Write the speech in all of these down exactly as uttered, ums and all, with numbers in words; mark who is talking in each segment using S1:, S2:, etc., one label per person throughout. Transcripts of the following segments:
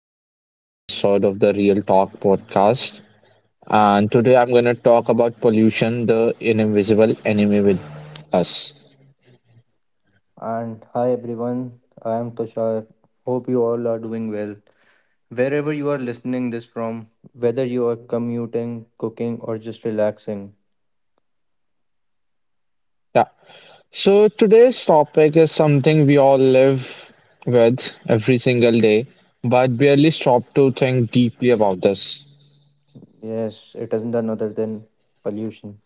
S1: back to another episode of the Real Talk podcast. And today I'm going to talk about pollution, the invisible enemy with us.
S2: And hi everyone, I am Tushar. Hope you all are doing well. Wherever you are listening this from, whether you are commuting, cooking, or just relaxing,
S1: Yeah. So today's topic is something we all live with every single day, but barely stop to think deeply about this.
S2: yes, it isn't another than pollution.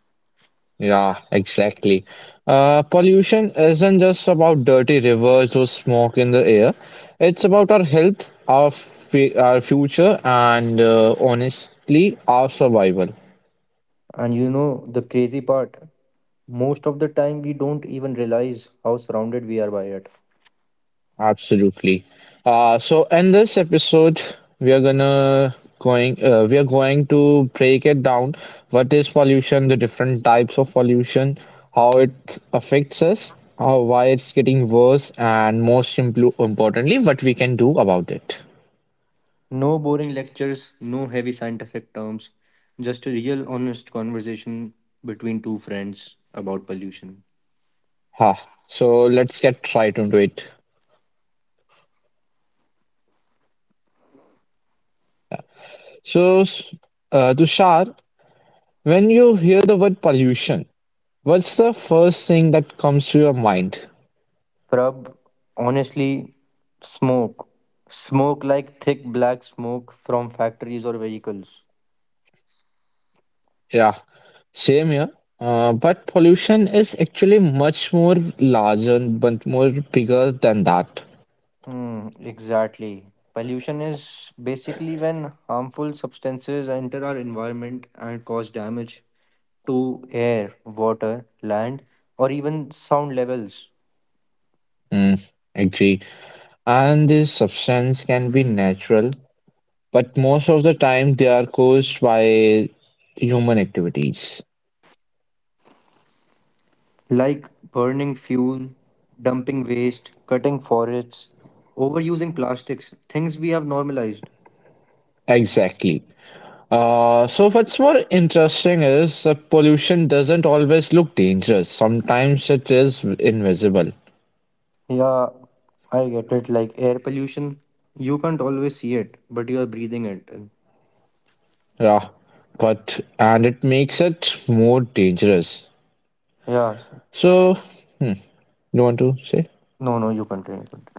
S1: Yeah, exactly. Uh, pollution isn't just about dirty rivers or smoke in the air. It's about our health, our fu- our future, and uh, honestly, our survival.
S2: And you know the crazy part? Most of the time, we don't even realize how surrounded we are by it.
S1: Absolutely. Uh, so in this episode, we are gonna going uh, we are going to break it down. What is pollution? The different types of pollution, how it affects us, how why it's getting worse, and most impl- importantly, what we can do about it.
S2: No boring lectures, no heavy scientific terms, just a real honest conversation between two friends about pollution.
S1: Ha. So let's get right into it. So, s- uh, Tushar, when you hear the word pollution, what's the first thing that comes to your mind?
S2: Prab, honestly, smoke. Smoke like thick black smoke from factories or vehicles.
S1: Yeah, same here. Uh, but pollution is actually much more larger, but more bigger than that.
S2: Hmm, exactly. Pollution is basically when harmful substances enter our environment and cause damage to air, water, land, or even sound levels.
S1: Mm, agree. And this substance can be natural, but most of the time they are caused by human activities.
S3: Like burning fuel, dumping waste, cutting forests, overusing plastics, things we have normalized.
S1: Exactly. Uh, so what's more interesting is uh, pollution doesn't always look dangerous. Sometimes it is invisible.
S3: Yeah, I get it. Like air pollution, you can't always see it, but you are breathing it. in.
S1: Yeah, but and it makes it more dangerous.
S3: Yeah, s-
S1: So, hmm, you want to say?
S3: no, no, you continue. Continue.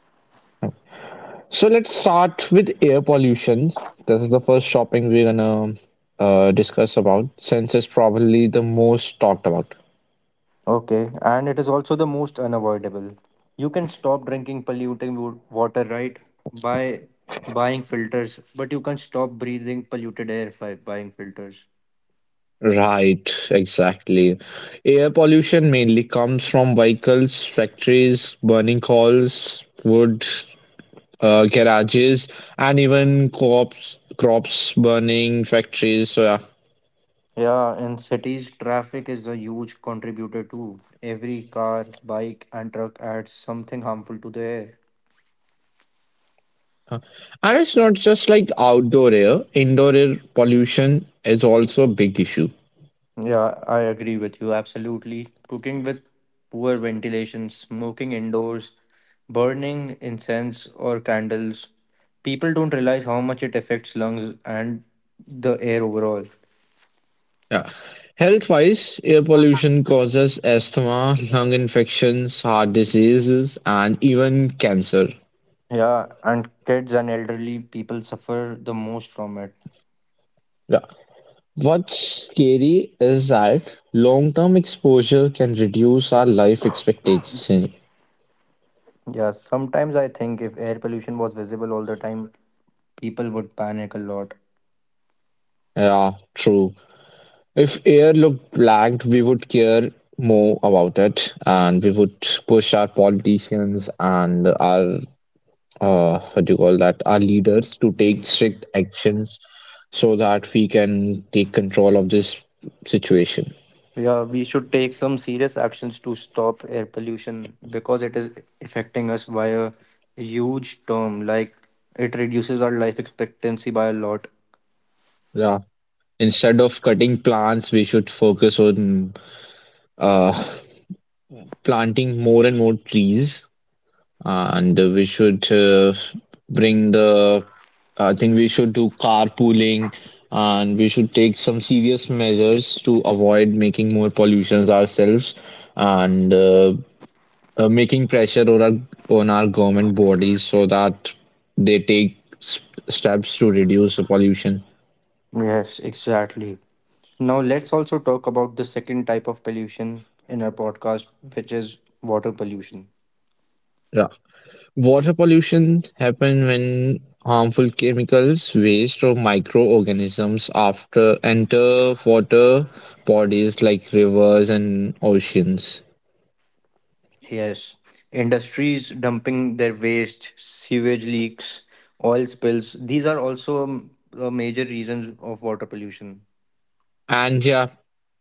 S1: So let's start with air pollution. This is the first shopping we're gonna uh, discuss about since it's probably the most talked about.
S3: Okay, and it is also the most unavoidable. You can stop drinking polluting wo- water, right? By buying filters, but you can't stop breathing polluted air by buying filters.
S1: Right, exactly. Air pollution mainly comes from vehicles, factories, burning coals, wood, uh, garages, and even crops, crops burning, factories. So yeah,
S3: Yeah, in cities, traffic is a huge contributor too. Every car, bike, and truck adds something harmful to the air.
S1: and it's not just like outdoor air. Indoor air pollution is also a big issue.
S3: Yeah, I agree with you absolutely. Cooking with poor ventilation, smoking indoors, burning incense or candles, people don't realize how much it affects lungs and the air overall.
S1: Yeah, health-wise, air pollution causes asthma, lung infections, heart diseases, and even cancer.
S3: Yeah, and kids and elderly people suffer the most from it.
S1: Yeah. What's scary is that long-term exposure can reduce our life expectancy.
S3: Yeah, sometimes I think if air pollution was visible all the time, people would panic a lot.
S1: Yeah, true. If air looked black, we would care more about it, and we would push our politicians and our uh, what do you call that, our leaders to take strict actions so that we can take control of this situation.
S3: Yeah, we should take some serious actions to stop air pollution because it is affecting us by a huge term. Like it reduces our life expectancy by a lot.
S1: Yeah. Instead of cutting plants, we should focus on uh, planting more and more trees. And uh, we should uh, bring the, I think we should do carpooling, and we should take some serious measures to avoid making more pollutions ourselves, and uh, uh, making pressure on our, on our government bodies so that they take s steps to reduce the pollution.
S3: Yes, exactly. Now let's also talk about the second type of pollution in our podcast, which is water pollution.
S1: Yeah. Water pollution happens when harmful chemicals, waste, or microorganisms after enter water bodies like rivers and oceans.
S3: Yes, industries dumping their waste, sewage leaks, oil spills. These are also um, uh, major reasons of water pollution.
S1: And yeah,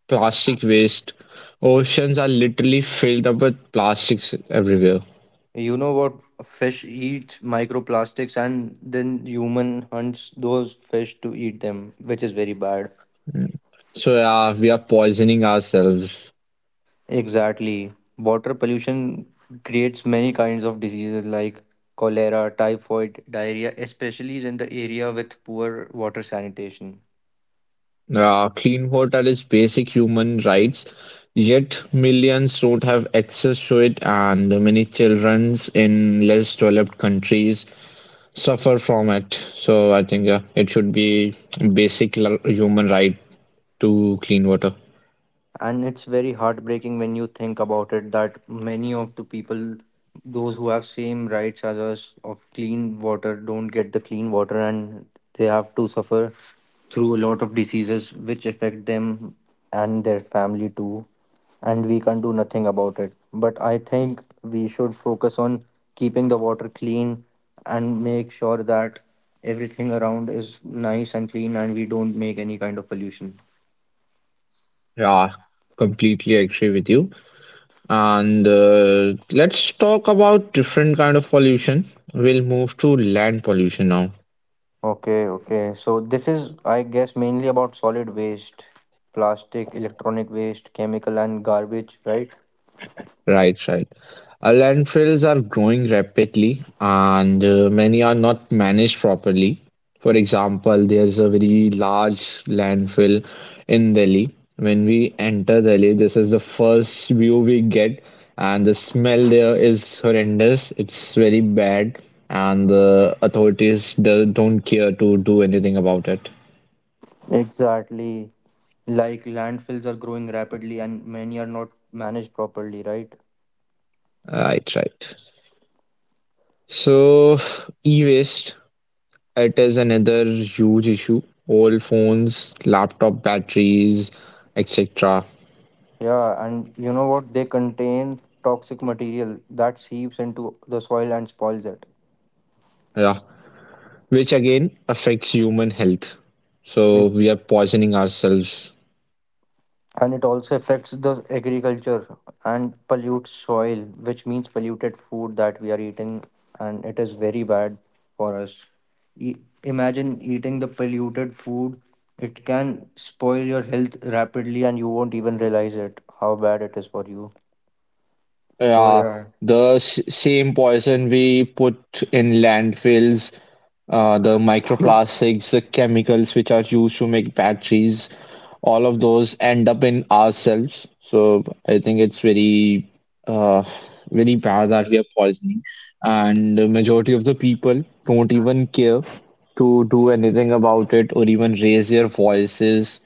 S1: plastic waste. Oceans are literally filled up with plastics everywhere.
S3: You know what? Fish eat microplastics and then human hunts those fish to eat them, which is very bad.
S1: Hmm. So yeah, we are poisoning ourselves.
S3: Exactly. Water pollution creates many kinds of diseases like cholera, typhoid, diarrhea, especially in the area with poor water sanitation.
S1: Uh, clean water is basic human rights, yet millions don't have access to it, and many children in less developed countries suffer from it. So I think uh, it should be basic l- human right to clean water.
S3: And it's very heartbreaking when you think about it, that many of the people, those who have same rights as us of clean water, don't get the clean water and they have to suffer through a lot of diseases which affect them and their family too, and we can't do nothing about it, but I think we should focus on keeping the water clean and make sure that everything around is nice and clean and we don't make any kind of pollution.
S1: Yeah, completely agree with you. And uh, let's talk about different kind of pollution. We'll move to land pollution now.
S3: Okay, okay. So this is, I guess, mainly about solid waste, plastic, electronic waste, chemical and garbage, right?
S1: Right, right. Uh, landfills are growing rapidly and uh, many are not managed properly. For example, there's a very large landfill in Delhi. When we enter Delhi, this is the first view we get, and the smell there is horrendous. It's very bad, and the authorities do- don't care to do anything about it.
S4: Exactly. Like landfills are growing rapidly and many are not managed properly, right?
S1: Right, right. So, e-waste it is another huge issue. Old phones, laptop batteries, et cetera.
S4: Yeah, and you know what? They contain toxic material that seeps into the soil and spoils it.
S1: Yeah, which again affects human health. So
S4: Yep.
S1: we are poisoning ourselves.
S4: And it also affects the agriculture and pollutes soil, which means polluted food that we are eating, and it is very bad for us. E- Imagine eating the polluted food. It can spoil your health rapidly, and you won't even realize it how bad it is for you. So
S1: Yeah,
S4: yeah,
S1: the s same poison we put in landfills, uh, the microplastics, the chemicals which are used to make batteries, all of those end up in ourselves. So I think it's very, uh, very bad that we are poisoning, and the majority of the people don't even care to do anything about it or even raise their voices.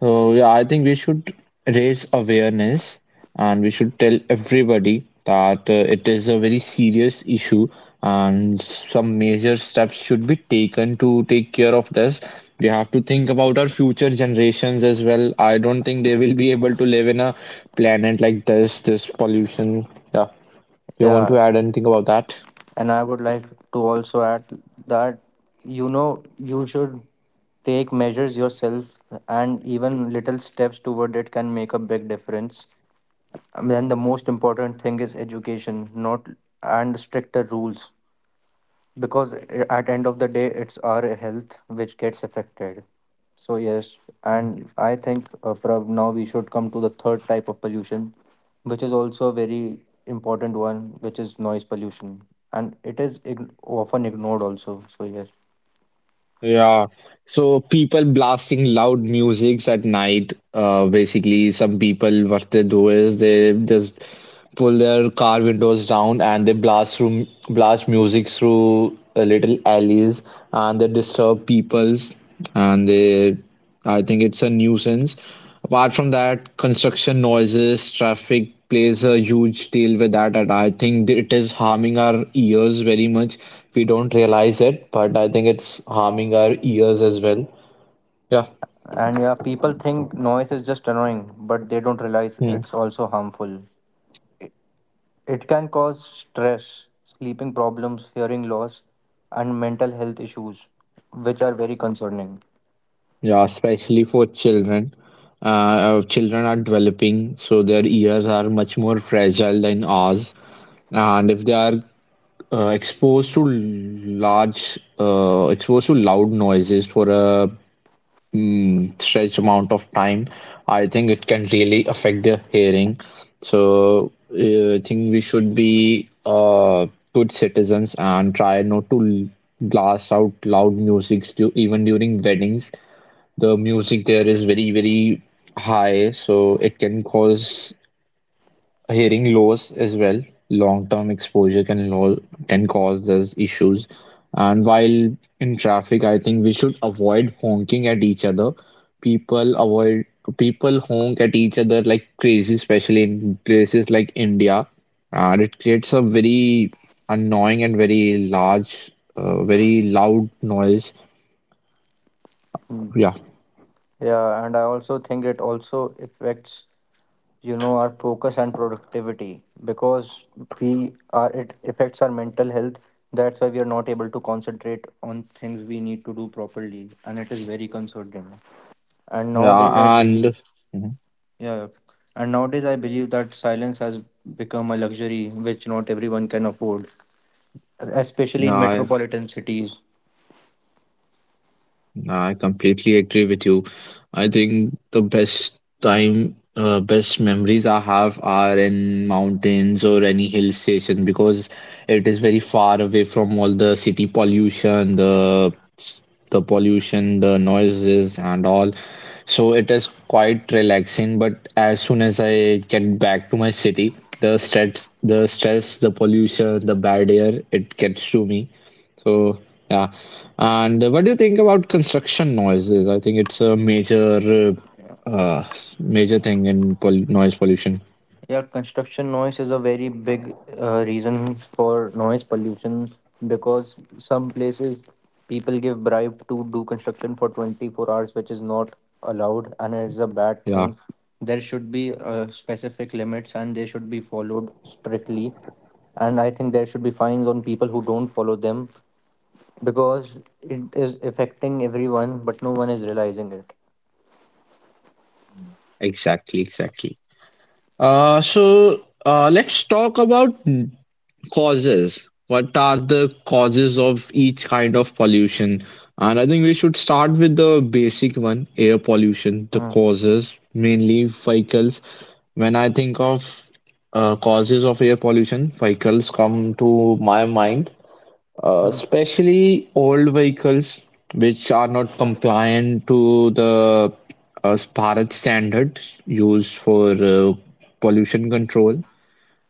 S1: So yeah, I think we should raise awareness and we should tell everybody that uh, it is a very serious issue and some major steps should be taken to take care of this. We have to think about our future generations as well. I don't think they will be able to live in a planet like this, this pollution. Yeah. You want
S4: yeah,
S1: to add anything about that?
S4: and I would like to also add that you know you should take measures yourself, and even little steps toward it can make a big difference. And then the most important thing is education, not and stricter rules, because i- at end of the day it's our health which gets affected. So yes, and I think uh, Prab, now we should come to the third type of pollution, which is also a very important one, which is noise pollution, and it is ign- often ignored also. So yes,
S1: Yeah. So people blasting loud musics at night. Uh, basically, some people what they do is they just pull their car windows down and they blast through blast music through uh, little alleys and they disturb peoples and they I think it's a nuisance. Apart from that, construction noises, traffic plays a huge deal with that, and I think that it is harming our ears very much. We don't realize it, but I think it's harming our ears as well. Yeah.
S4: and yeah, people think noise is just annoying, but they don't realize
S1: Hmm.
S4: it's also harmful. It, it can cause stress, sleeping problems, hearing loss, and mental health issues, which are very concerning.
S1: Yeah, especially for children. Uh, uh, children are developing, so their ears are much more fragile than ours. And if they are uh, exposed to large, uh, exposed to loud noises for a mm, stretched amount of time, I think it can really affect their hearing. So uh, I think we should be uh, good citizens and try not to blast out loud music stu even during weddings, the music there is very, very high, so it can cause hearing loss as well. Long-term exposure can lo can cause those issues. And while in traffic, I think we should avoid honking at each other. People avoid People honk at each other like crazy, especially in places like India. And it creates a very annoying and very large, uh, very loud noise.
S4: Hmm.
S1: Yeah.
S4: Yeah, and I also think it also affects, you know, our focus and productivity, because we are it affects our mental health. That's why we are not able to concentrate on things we need to do properly, and it is very concerning. And nowadays, I
S1: Yeah, and
S4: believe,
S1: mm-hmm.
S4: yeah, and nowadays I believe that silence has become a luxury which not everyone can afford, especially
S1: No,
S4: in
S1: I,
S4: metropolitan cities.
S1: no, I completely agree with you. I think the best time, uh, best memories I have are in mountains or any hill station because it is very far away from all the city pollution, the the pollution, the noises and all. So it is quite relaxing. But as soon as I get back to my city, the stress, the stress, the pollution, the bad air, it gets to me. So yeah, and uh, what do you think about construction noises? I think it's a major, uh, uh, s- major thing in pol noise pollution.
S4: Yeah, construction noise is a very big uh, reason for noise pollution, because some places people give bribe to do construction for twenty-four hours, which is not allowed, and it is a bad
S1: Yeah,
S4: thing. There should be uh, specific limits, and they should be followed strictly. And I think there should be fines on people who don't follow them, because it is affecting everyone, but no one is realizing it.
S1: exactly, exactly. Uh, so uh, let's talk about causes. What are the causes of each kind of pollution? And I think we should start with the basic one, air pollution, the
S4: Hmm.
S1: causes, mainly vehicles. When I think of uh, causes of air pollution, vehicles come to my mind, uh,
S4: Hmm.
S1: especially old vehicles which are not compliant to the uh, Bharat standard used for uh, pollution control.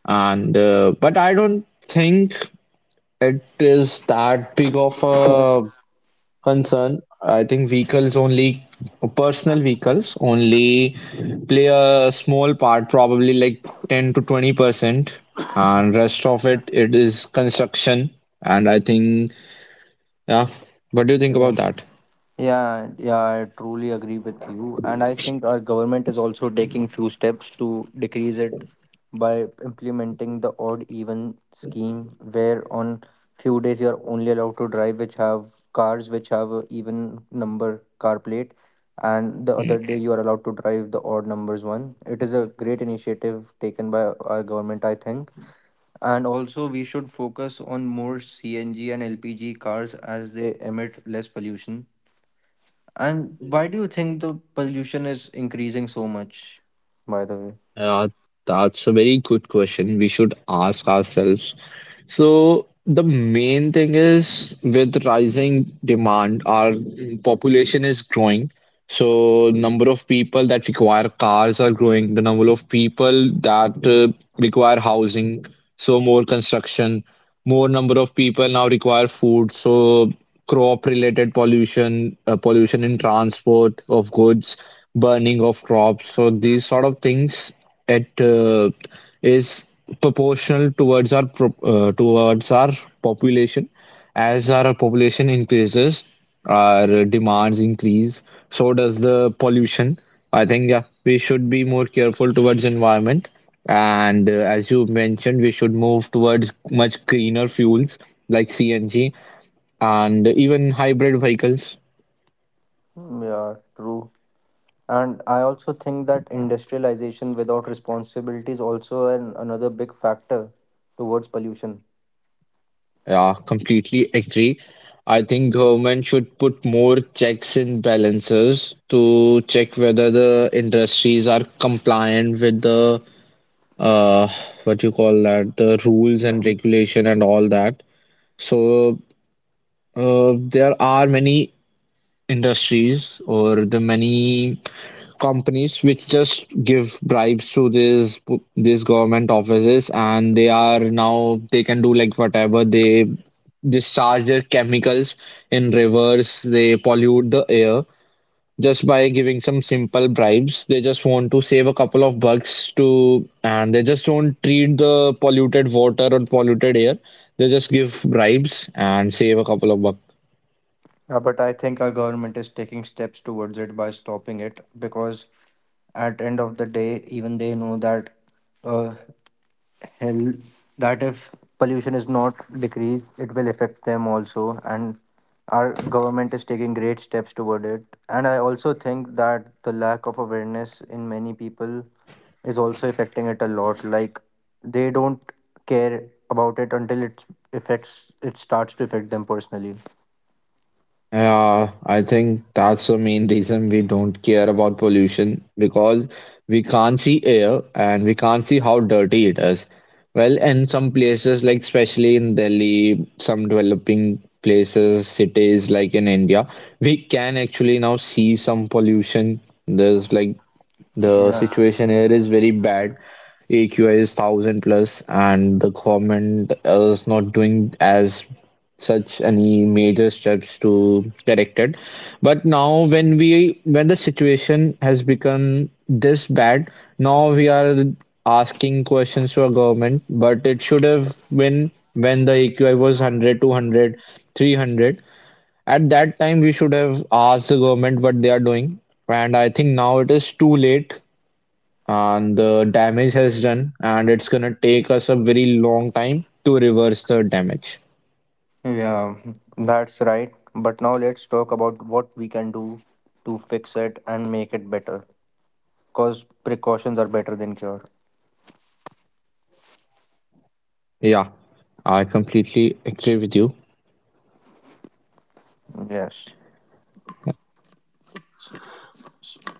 S1: And uh, but I don't think it is that big of a concern. I think vehicles only, personal vehicles only play a small part, probably like ten to twenty percent, and rest of it it is construction. And I think, yeah, what do you think
S4: Yeah.
S1: about that?
S4: Yeah, yeah, I truly agree with you. And I think our government is also taking few steps to decrease it by implementing the odd even scheme, where on few days you are only allowed to drive which have cars which have a even number car plate, and the other day you are allowed to drive the odd numbers one. It is a great initiative taken by our government, I think. And also we should focus on more C N G and L P G cars as they emit less pollution. And why do you think the pollution is increasing so much, by the
S1: Uh, that's a very good question. We should ask ourselves. So, the main thing is with rising demand, our population is growing. So, number of people that require cars are growing. The number of people that uh, require housing, so more construction, more number of people now require food, so crop related pollution, uh, pollution in transport of goods, burning of crops, so these sort of things, it uh, is proportional towards our pro- uh, towards our population. As our population increases, our demands increase, so does the pollution. I think yeah, we should be more careful towards environment. And uh, as you mentioned, we should move towards much greener fuels like C N G and even hybrid vehicles.
S4: way? Yeah, true. And I also think that industrialization without responsibility is also an, another big factor towards pollution.
S1: Yeah, completely agree. I think government should put more checks and balances to check whether the industries are compliant with the uh what you call that the rules and
S4: Yeah.
S1: regulation and all that. So uh, there are many industries or the many companies which just give bribes to these these government offices, and they are now they can do like whatever they discharge their chemicals in rivers, they pollute the air, just by giving some simple bribes. They just want to save a couple of bucks to, and they just don't treat the polluted water or polluted air. They just give bribes and save a couple of bucks.
S4: Yeah, but I think our government is taking steps towards it by stopping it, because at end of the day, even they know that uh, hell, that if pollution is not decreased, it will affect them also. And our government is taking great steps toward it. And I also think that the lack of awareness in many people is also affecting it a lot. Like they don't care about it until it affects it starts to affect them personally.
S1: Yeah, I think that's the main reason we don't care about pollution because we can't see air and we can't see how dirty it is. Well, in some places, like especially in Delhi, some developing places, cities like in India, we can actually now see some pollution. There's like the
S4: Yeah.
S1: situation here is very bad. A Q I is thousand plus, and the government is not doing as such any major steps to correct it. But now, when we when the situation has become this bad, now we are asking questions to our government. But it should have been when the A Q I was one hundred, two hundred, three hundred. At that time, we should have asked the government what they are doing. And I think now it is too late and the damage has done and it's gonna take us a very long time to reverse the damage.
S4: Yeah, that's right. But now let's talk about what we can do to fix it and make it better. Because precautions are better than cure.
S1: Yeah, I completely agree with you.
S4: Yes.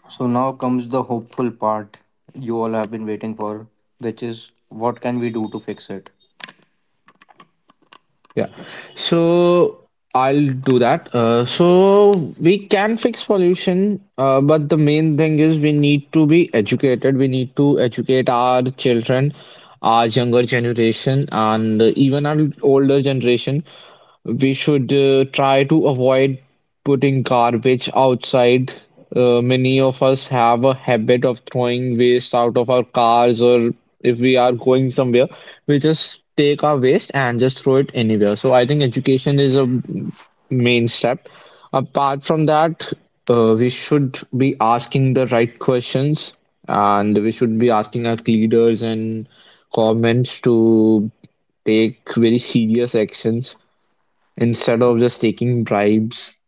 S4: So now comes the hopeful part you all have been waiting for, which is what can we do to fix it?
S1: Yeah, so I'll do that uh, so we can fix pollution, uh, but the main thing is we need to be educated. We need to educate our children, our younger generation, and even our older generation. We should uh, try to avoid putting garbage outside. Uh, many of us have a habit of throwing waste out of our cars, or if we are going somewhere, we just take our waste and just throw it anywhere. So I think education is a main step. Apart from that, uh, we should be asking the right questions, and we should be asking our leaders and governments to take very serious actions. Instead of just taking bribes,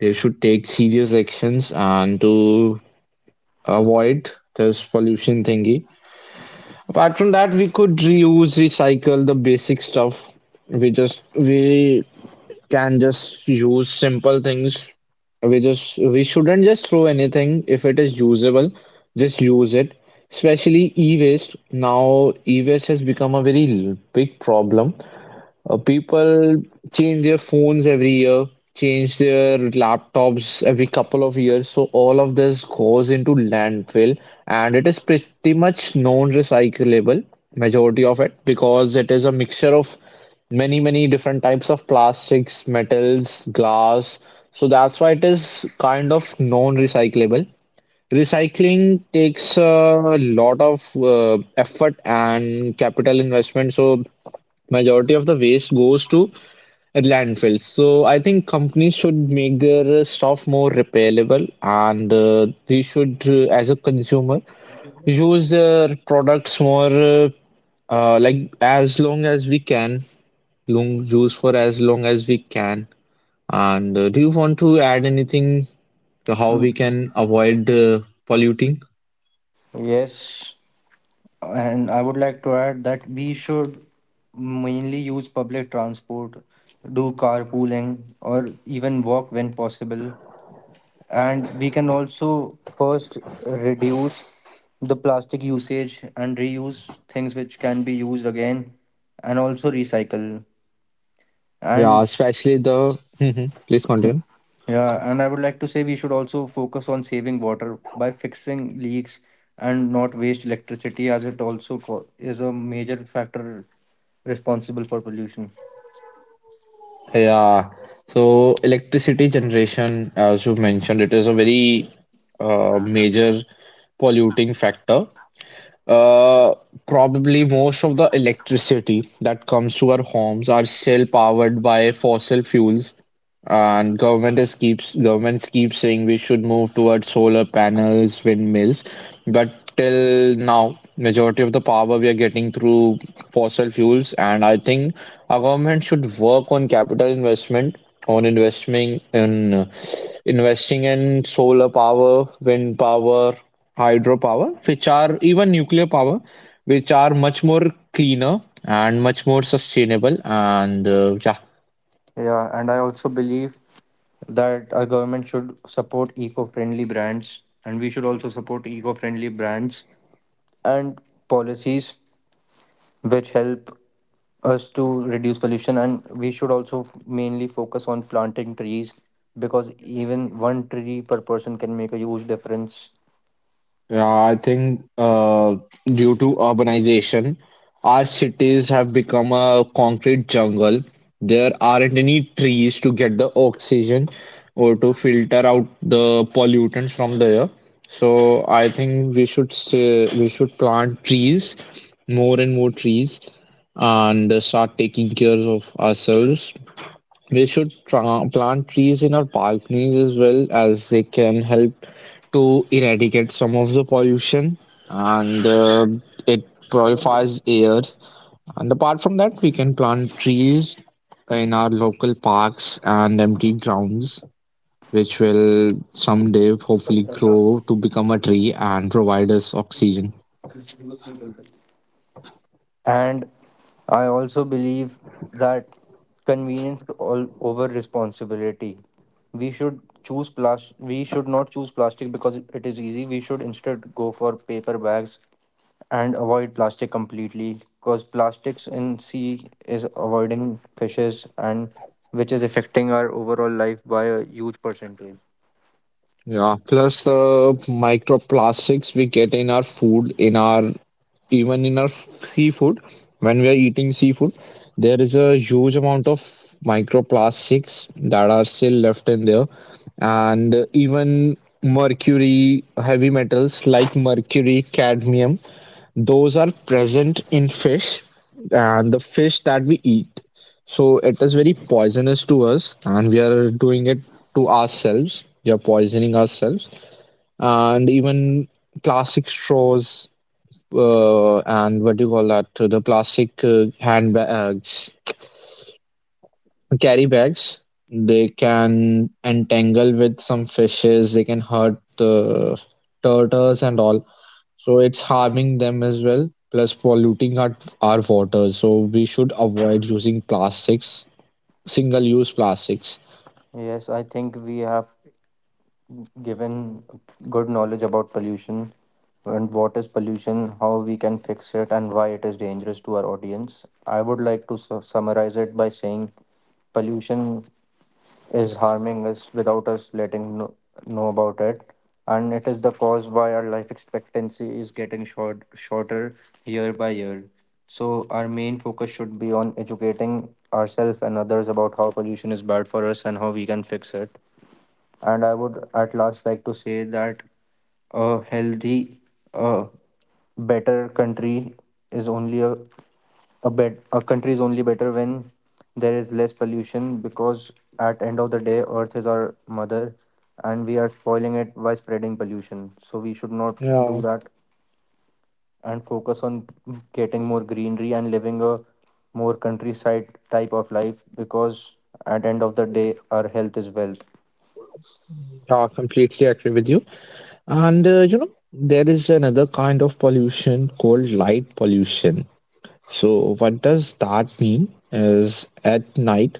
S1: they should take serious actions and to avoid this pollution thingy. Apart from that, we could reuse, recycle the basic stuff. We just we can just use simple things. We just we shouldn't just throw anything if it is usable. Just use it. Especially e-waste. Now e-waste has become a very l- big problem. Uh, people change their phones every year, change their laptops every couple of years. So all of this goes into landfill, and it is pretty much non-recyclable, majority of it, because it is a mixture of many, many different types of plastics, metals, glass. So that's why it is kind of non-recyclable. Recycling takes a lot of uh, effort and capital investment. So majority of the waste goes to landfills. So I think companies should make their stuff more repairable, and uh, we should, uh, as a consumer, use their products more uh, uh, like as long as we can, long use for as long as we can. And uh, do you want to add anything to how
S4: Mm,
S1: we can avoid uh, polluting?
S4: yes, and I would like to add that we should mainly use public transport, do carpooling, or even walk when possible. And we can also first reduce the plastic usage and reuse things which can be used again, and also recycle.
S1: Yeah,
S4: And
S1: especially the. Mhm. Please continue.
S4: yeah, and I would like to say we should also focus on saving water by fixing leaks, and not waste electricity, as it also co- is a major factor responsible for pollution.
S1: Yeah. So electricity generation, as you mentioned, it is a very uh, major polluting factor. Uh, Probably most of the electricity that comes to our homes are still powered by fossil fuels, and government is keeps governments keep saying we should move towards solar panels, windmills, but till now, majority of the power we are getting through fossil fuels, and I think our government should work on capital investment, on investing in uh, investing in solar power, wind power, hydropower, which are even nuclear power, which are much more cleaner and much more sustainable, and uh, yeah.
S4: Yeah, and I also believe that our government should support eco-friendly brands, and we should also support eco-friendly brands and policies which help us to reduce pollution, and we should also f- mainly focus on planting trees, because even one tree per person can make a huge difference.
S1: Yeah, I think uh, due to urbanization, our cities have become a concrete jungle. There aren't any trees to get the oxygen or to filter out the pollutants from the air. So I think we should say, we should plant trees, more and more trees, and start taking care of ourselves. We should tra- plant trees in our balconies as well, as they can help to eradicate some of the pollution, and uh, it purifies air. And apart from that, we can plant trees in our local parks and empty grounds, which will someday hopefully grow to become a tree and provide us oxygen.
S4: And I also believe that convenience all over responsibility. We should choose plastic. We should not choose plastic because it is easy. We should instead go for paper bags and avoid plastic completely, because plastics in sea is avoiding fishes, and which is affecting our overall life by a huge percentage.
S1: Yeah, plus the microplastics we get in our food, in our even in our seafood, when we are eating seafood, there is a huge amount of microplastics that are still left in there, and even mercury, heavy metals like mercury, cadmium. Those are present in fish and the fish that we eat. So it is very poisonous to us, and we are doing it to ourselves. We are poisoning ourselves, and even plastic straws uh, and what do you call that? The plastic uh, handbags, carry bags. They can entangle with some fishes. They can hurt the turtles and all. So it's harming them as well, plus polluting our, our water. So we should avoid using plastics, single use plastics.
S4: Yes, I think we have given good knowledge about pollution and what is pollution, how we can fix it, and why it is dangerous to our audience. I would like to su- summarize it by saying pollution is harming us without us letting know, know about it. And it is the cause why our life expectancy is getting short, shorter year by year. So, our main focus should be on educating ourselves and others about how pollution is bad for us and how we can fix it. And I would at last like to say that a healthy, uh, better country is only a a bet a country is only better when there is less pollution, because at end of the day earth is our mother, and we are spoiling it by spreading pollution, so we should not do
S1: Yeah,
S4: that, and focus on getting more greenery and living a more countryside type of life, because at end of the day our health is wealth.
S1: I completely agree with you. And uh, you know, there is another kind of pollution called light pollution. So what does that mean? Is at night,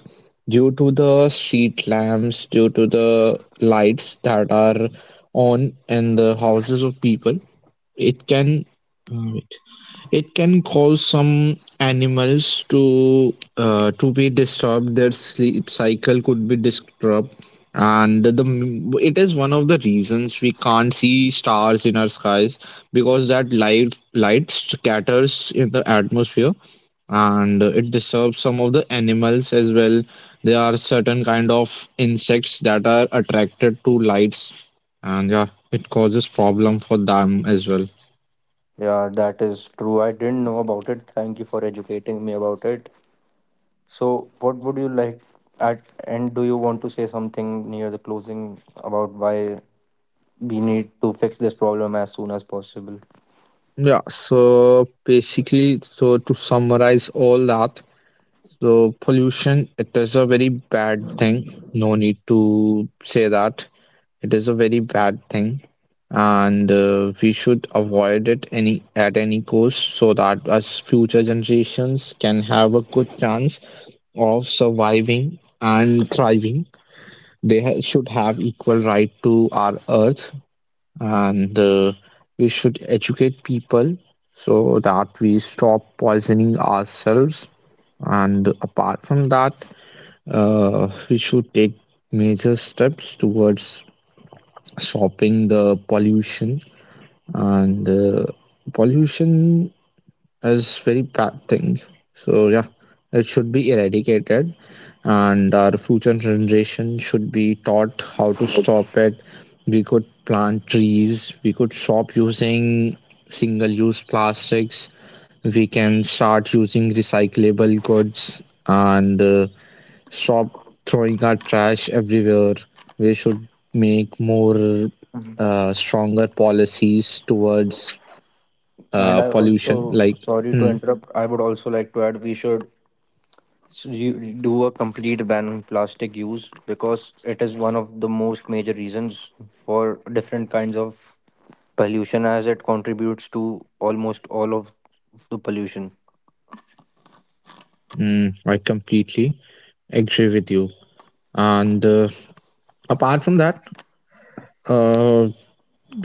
S1: due to the street lamps, due to the lights that are on in the houses of people, it can. uh, It can cause some animals to uh, to be disturbed. Their sleep cycle could be disturbed, and the it is one of the reasons we can't see stars in our skies because that light light scatters in the atmosphere and it disturbs some of the animals as well. There are certain kind of insects that are attracted to lights, and yeah, it causes problem for them as well.
S4: Yeah, that is true. I didn't know about it. Thank you for educating me about it. So, what would you like at and do you want to say something near the closing about why we need to fix this problem as soon as possible?
S1: Yeah, so basically, so to summarize all that, so pollution, it is a very bad thing. No need to say that. It is a very bad thing, and uh, we should avoid it any at any cost so that us future generations can have a good chance of surviving and thriving. They ha should have equal right to our earth, and uh, we should educate people so that we stop poisoning ourselves, and apart from that, uh, we should take major steps towards stopping the pollution, and uh, pollution is very bad thing. So yeah, it should be eradicated, and our future generation should be taught how to stop it. We could plant trees. We could stop using single-use plastics. We can start using recyclable goods, and uh, stop throwing our trash everywhere. We should make more
S4: Mhm.
S1: uh, stronger policies towards
S4: And
S1: uh,
S4: I
S1: pollution,
S4: also,
S1: like.
S4: sorry to
S1: Hmm.
S4: interrupt, I would also like to add we should. So you do a complete ban on plastic use, because it is one of the most major reasons for different kinds of pollution, as it contributes to almost all of the pollution.
S1: Mm, I completely agree with you. And uh, apart from that, uh,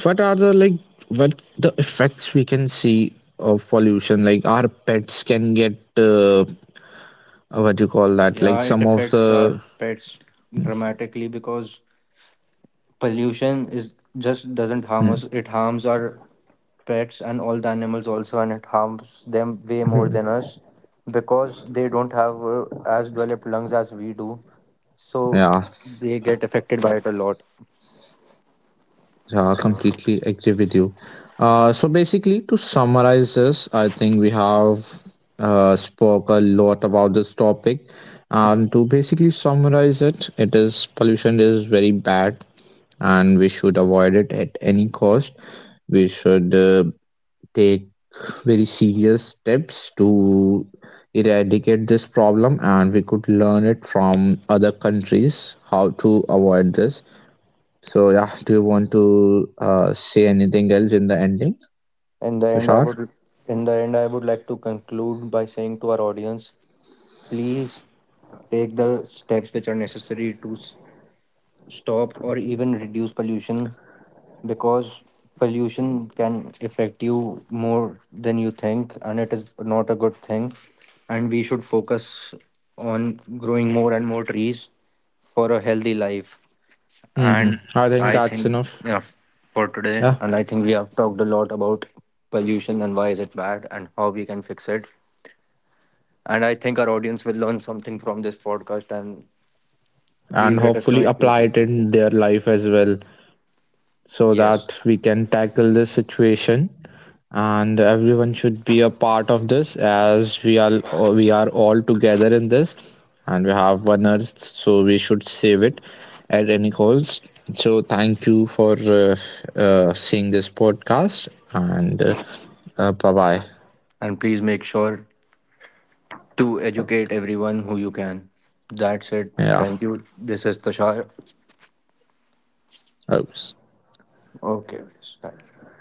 S1: what are the like what the effects we can see of pollution? Like our pets can get uh, what you call that? Like
S4: Yeah, it
S1: some of
S4: affects our
S1: the.
S4: pets dramatically, because pollution is just doesn't harm
S1: Mm.
S4: us, it harms our pets and all the animals also, and it harms them way more
S1: Mhm.
S4: than us, because they don't have uh, as developed lungs as we do, so
S1: Yeah,
S4: they get affected by it a lot.
S1: yeah, I completely agree with you. Uh, so basically, to summarize this, I think we have uh, spoke a lot about this topic. And to basically summarize it, it is pollution is very bad and we should avoid it at any cost. We should uh, take very serious steps to eradicate this problem, and we could learn it from other countries how to avoid this. So, yeah, do you want to uh, say anything else in the ending,
S4: In the end i would
S1: Tushar?
S4: in the end I would like to conclude by saying to our audience, please take the steps which are necessary to s- stop or even reduce pollution, because pollution can affect you more than you think, and it is not a good thing, and we should focus on growing more and more trees for a healthy life.
S1: Mm-hmm.
S4: And
S1: I think
S4: I
S1: that's
S4: think,
S1: enough.
S4: yeah, for today,
S1: Yeah,
S4: and I think we have talked a lot about pollution and why is it bad and how we can fix it, and I think our audience will learn something from this podcast. And please
S1: and
S4: let us know
S1: hopefully
S4: if you
S1: apply
S4: if
S1: it
S4: you think.
S1: in their life as well. So
S4: Yes,
S1: that we can tackle this situation, and everyone should be a part of this as we are. We are all together in this, and we have one earth, so we should save it at any cost. So thank you for uh, uh, seeing this podcast, and uh, uh, bye bye.
S4: and please make sure to educate everyone who you can. That's it.
S1: Yeah.
S4: Thank you. This is Tushar.
S1: Oops.
S4: Okay, guys, thank you.